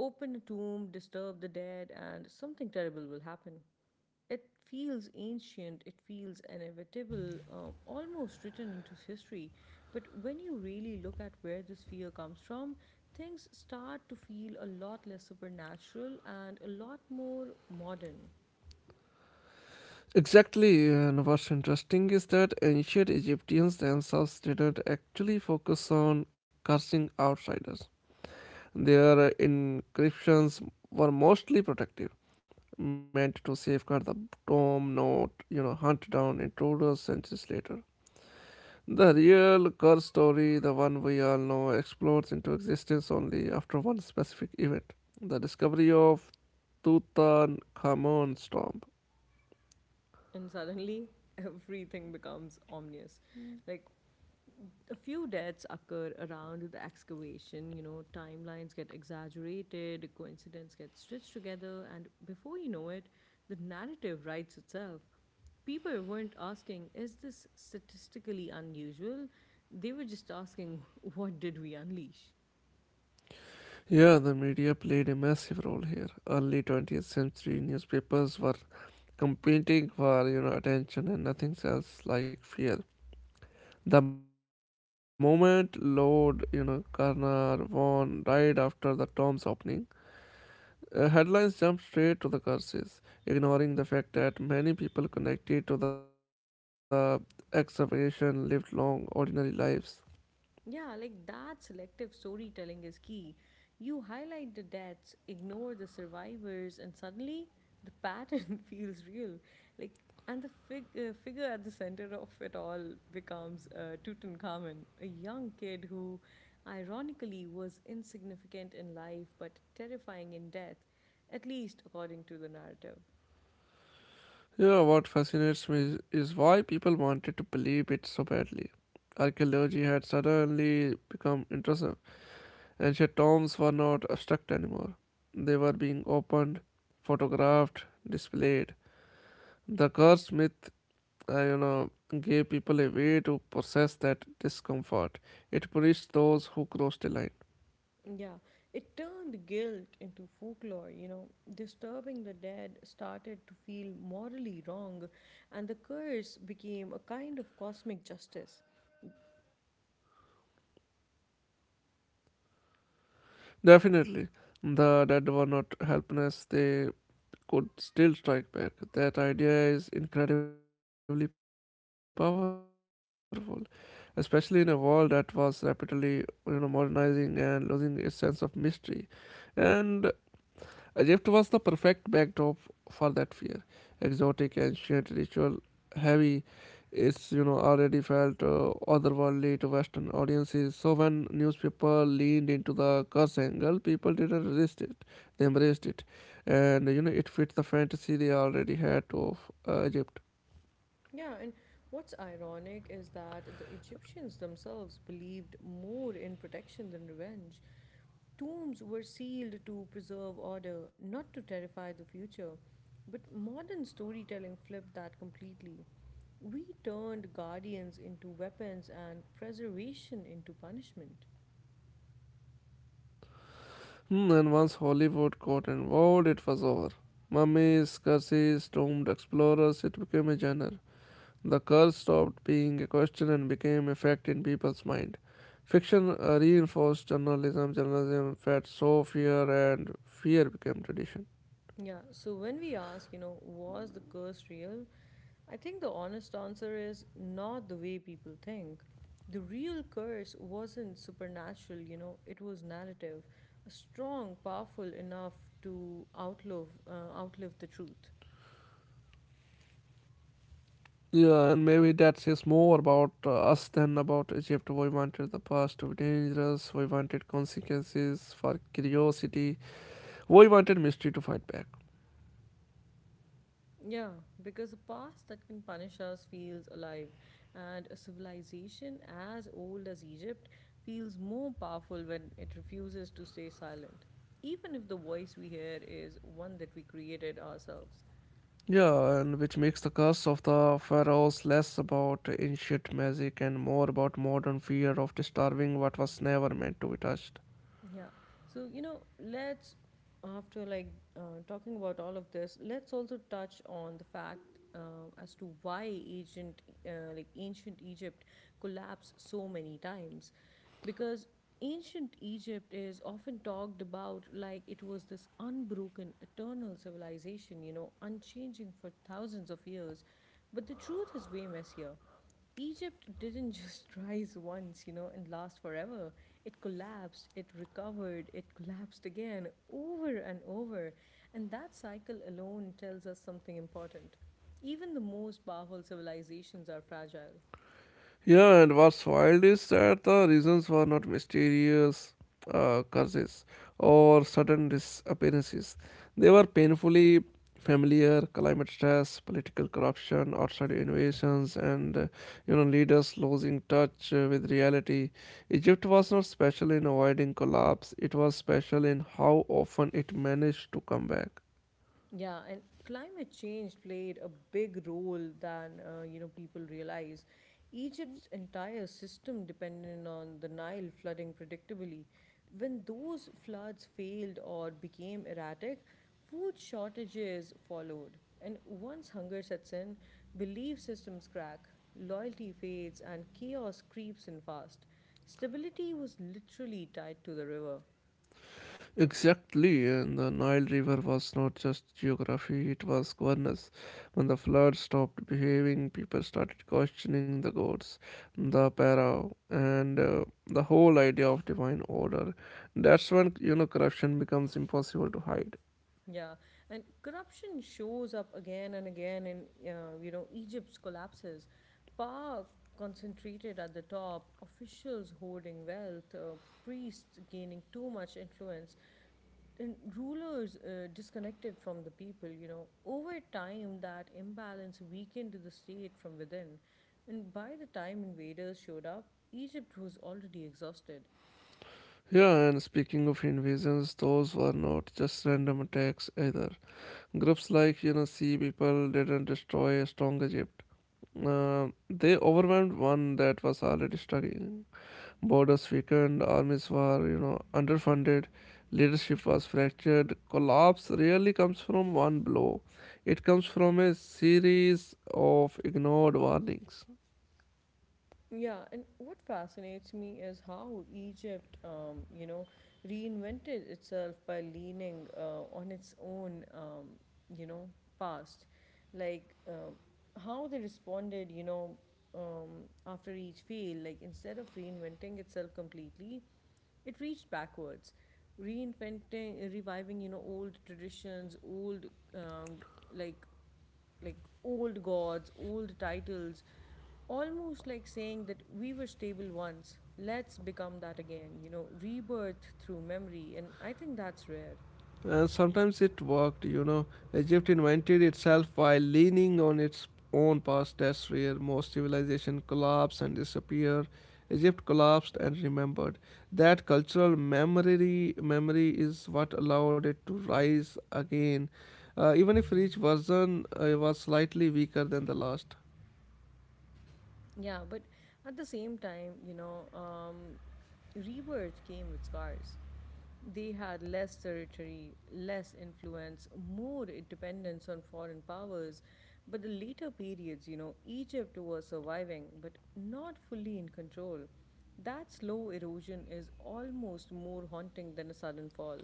S1: Open a tomb, disturb the dead, and something terrible will happen. It feels ancient, it feels inevitable, um, almost written into history. But when you really look at where this fear comes from, things start to feel a lot less supernatural and a lot more modern.
S2: Exactly, and what's interesting is that ancient Egyptians themselves didn't actually focus on cursing outsiders. Their inscriptions were mostly protective, meant to safeguard the tomb, not, you know, hunt down intruders centuries later. The real curse story, the one we all know, explodes into existence only after one specific event the discovery of Tutankhamun's tomb.
S1: And suddenly, [laughs] everything becomes ominous. Like a few deaths occur around the excavation. You know, timelines get exaggerated, coincidence gets stitched together, and before you know it, the narrative writes itself. People weren't asking, is this statistically unusual? They were just asking, what did we unleash?
S2: Yeah, the media played a massive role here. Early twentieth century newspapers were competing for, you know, attention and nothing else like fear. The moment Lord, you know, Karnar Vaughan died after the Tom's opening, uh, headlines jumped straight to the curses, ignoring the fact that many people connected to the excavation lived long, ordinary lives.
S1: Yeah, like that selective storytelling is key. You highlight the deaths, ignore the survivors, and suddenly the pattern [laughs] feels real. Like, and the fig- uh, figure at the center of it all becomes uh, Tutankhamun, a young kid who, ironically, was insignificant in life but terrifying in death, at least according to the narrative.
S2: Yeah, what fascinates me is why people wanted to believe it so badly. Archaeology had suddenly become interesting. Ancient tombs were not abstract anymore. They were being opened, photographed, displayed. The cursed myth, uh, you know, gave people a way to process that discomfort. It punished those who crossed the line.
S1: Yeah, it turned guilt into folklore, you know. Disturbing the dead started to feel morally wrong, and the curse became a kind of cosmic justice.
S2: Definitely, the dead were not helpless. They could still strike back. That idea is incredibly powerful, especially in a world that was rapidly, you know, modernizing and losing its sense of mystery. And Egypt was the perfect backdrop for that fear. Exotic, ancient, ritual, heavy, it's you know already felt uh, otherworldly to Western audiences. So when newspaper leaned into the curse angle, people didn't resist it; they embraced it, and you know it fit the fantasy they already had of uh, Egypt.
S1: Yeah, and what's ironic is that the Egyptians themselves believed more in protection than revenge. Tombs were sealed to preserve order, not to terrify the future. But modern storytelling flipped that completely. We turned guardians into weapons and preservation into punishment.
S2: Hmm, and once Hollywood got involved, it was over. Mummies, curses, doomed explorers, it became a genre. The curse stopped being a question and became a fact in people's mind. Fiction uh, reinforced journalism, journalism fed so fear, and fear became tradition.
S1: Yeah, so when we ask, you know, was the curse real? I think the honest answer is not the way people think. The real curse wasn't supernatural, you know, it was narrative, strong, powerful enough to outlive, uh, outlive the truth.
S2: Yeah, and maybe that says more about uh, us than about Egypt. We wanted the past to be dangerous, we wanted consequences for curiosity, we wanted mystery to fight back.
S1: Yeah, because a past that can punish us feels alive, and a civilization as old as Egypt feels more powerful when it refuses to stay silent, even if the voice we hear is one that we created ourselves.
S2: Yeah, and which makes the curse of the pharaohs less about ancient magic and more about modern fear of disturbing what was never meant to be touched.
S1: Yeah. So, you know, let's, after like uh, talking about all of this, let's also touch on the fact uh, as to why ancient, uh, like ancient Egypt collapsed so many times. Because ancient Egypt is often talked about like it was this unbroken, eternal civilization, you know, unchanging for thousands of years. But the truth is way messier. Egypt didn't just [laughs] rise once, you know, and last forever. It collapsed, it recovered, it collapsed again, over and over. And that cycle alone tells us something important. Even the most powerful civilizations are fragile.
S2: Yeah, and what's wild is that the reasons were not mysterious uh, curses or sudden disappearances. They were painfully familiar climate stress, political corruption, outside invasions, and uh, you know leaders losing touch uh, with reality. Egypt was not special in avoiding collapse; it was special in how often it managed to come back.
S1: Yeah, and climate change played a big role than uh, you know people realize. Egypt's entire system depended on the Nile flooding predictably. When those floods failed or became erratic, food shortages followed. And once hunger sets in, belief systems crack, loyalty fades, and chaos creeps in fast. Stability was literally tied to the river.
S2: Exactly, and the Nile River was not just geography, it was governance. When the flood stopped behaving, people started questioning the gods, the para, and uh, the whole idea of divine order. That's when, you know, corruption becomes impossible to hide.
S1: Yeah, and corruption shows up again and again in uh, you know Egypt's collapses. Power concentrated at the top, officials hoarding wealth, uh, priests gaining too much influence, and rulers uh, disconnected from the people. You know, over time that imbalance weakened the state from within, and by the time invaders showed up, Egypt was already exhausted.
S2: Yeah, and speaking of invasions, those were not just random attacks either. Groups like, you know, Sea People didn't destroy a strong Egypt. Uh, they overwhelmed one that was already struggling. Borders weakened, armies were, you know, underfunded, leadership was fractured. Collapse rarely comes from one blow. It comes from a series of ignored warnings.
S1: Yeah, and what fascinates me is how Egypt, um, you know, reinvented itself by leaning uh, on its own, um, you know, past. Like um, how they responded, you know, um, after each fail. Like instead of reinventing itself completely, it reached backwards, reinventing, reviving, you know, old traditions, old um, like like old gods, old titles. Almost like saying that we were stable once, let's become that again, you know, rebirth through memory. And I think that's rare.
S2: And sometimes it worked, you know. Egypt invented itself while leaning on its own past. That's where most civilization collapse and disappear. Egypt collapsed and remembered. That cultural memory memory is what allowed it to rise again, uh, even if each version uh, was slightly weaker than the last.
S1: Yeah, but at the same time, you know, um, rebirth came with scars. They had less territory, less influence, more dependence on foreign powers. But the later periods, you know, Egypt was surviving, but not fully in control. That slow erosion is almost more haunting than a sudden fall.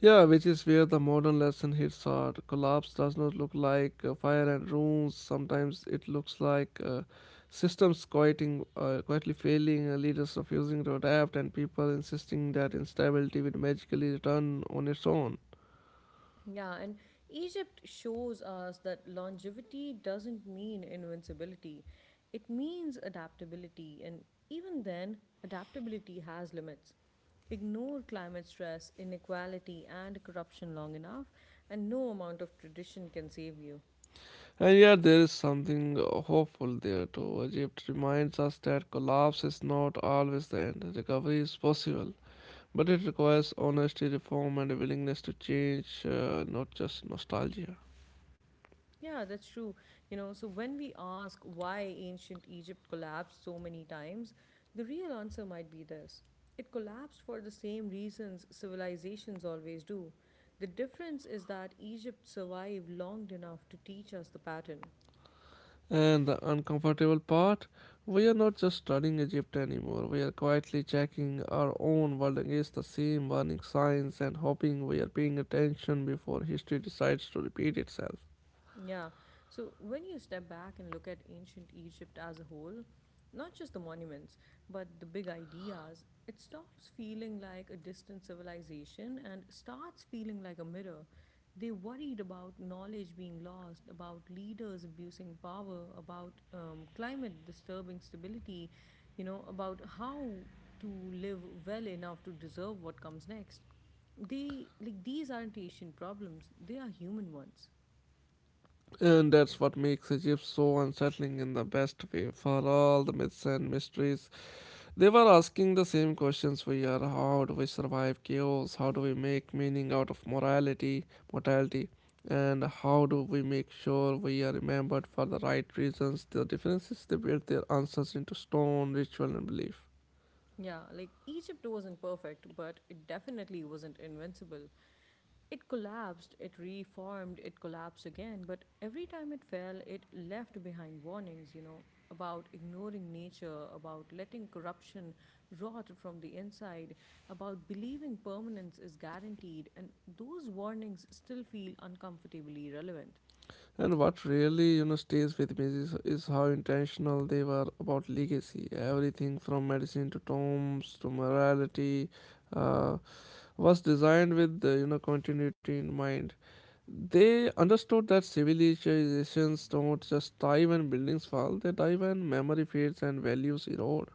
S2: Yeah, which is where the modern lesson hits hard. Collapse does not look like uh, fire and ruins. Sometimes it looks like uh, systems quieting, uh, quietly failing, uh, leaders refusing to adapt, and people insisting that instability will magically return on its own.
S1: Yeah, and Egypt shows us that longevity doesn't mean invincibility. It means adaptability, and even then, adaptability has limits. Ignore climate stress, inequality, and corruption long enough, and no amount of tradition can save you.
S2: And yet, there is something uh, hopeful there too. Egypt reminds us that collapse is not always the end, recovery is possible. But it requires honesty, reform, and a willingness to change, uh, not just nostalgia.
S1: Yeah, that's true. You know, so when we ask why ancient Egypt collapsed so many times, the real answer might be this: it collapsed for the same reasons civilizations always do. The difference is that Egypt survived long enough to teach us the pattern.
S2: And the uncomfortable part, we are not just studying Egypt anymore. We are quietly checking our own world against the same warning signs and hoping we are paying attention before history decides to repeat itself.
S1: Yeah. So when you step back and look at ancient Egypt as a whole, not just the monuments, but the big ideas, it stops feeling like a distant civilization and starts feeling like a mirror. They worried about knowledge being lost, about leaders abusing power, about um, climate disturbing stability, you know, about how to live well enough to deserve what comes next. They like these aren't Asian problems; they are human ones.
S2: And that's what makes Egypt so unsettling in the best way. For all the myths and mysteries, they were asking the same questions we are: how do we survive chaos, how do we make meaning out of morality, mortality, and how do we make sure we are remembered for the right reasons. The differences they built their answers into stone, ritual, and belief.
S1: Yeah, like Egypt wasn't perfect, but it definitely wasn't invincible. It collapsed, it reformed, it collapsed again, but every time it fell, it left behind warnings, you know, about ignoring nature, about letting corruption rot from the inside, about believing permanence is guaranteed, and those warnings still feel uncomfortably relevant.
S2: And what really, you know, stays with me is, is how intentional they were about legacy. Everything from medicine to tombs to morality uh, was designed with, uh, you know, continuity in mind. They understood that civilizations don't just thrive when buildings fall, they thrive when memory fades and values erode.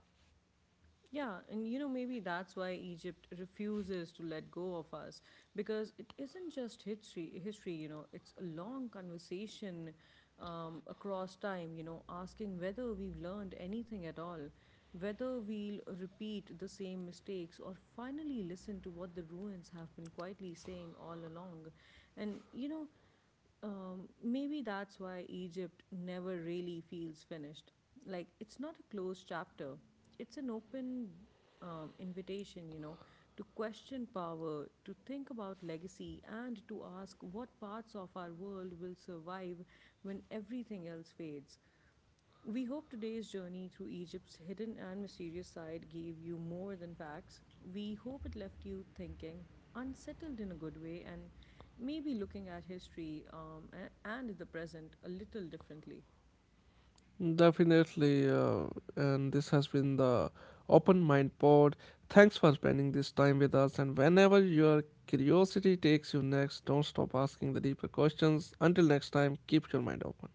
S1: Yeah, and you know, maybe that's why Egypt refuses to let go of us because it isn't just history, history, you know, it's a long conversation um, across time, you know, asking whether we've learned anything at all, whether we'll repeat the same mistakes or finally listen to what the ruins have been quietly saying all along. And, you know, um, maybe that's why Egypt never really feels finished. Like, it's not a closed chapter, it's an open um, invitation, you know, to question power, to think about legacy, and to ask what parts of our world will survive when everything else fades. We hope today's journey through Egypt's hidden and mysterious side gave you more than facts. We hope it left you thinking, unsettled in a good way, and maybe looking at history um, and the present a little differently.
S2: Definitely, uh, and this has been the Open Mind Pod. Thanks for spending this time with us, and whenever your curiosity takes you next, don't stop asking the deeper questions. Until next time, keep your mind open.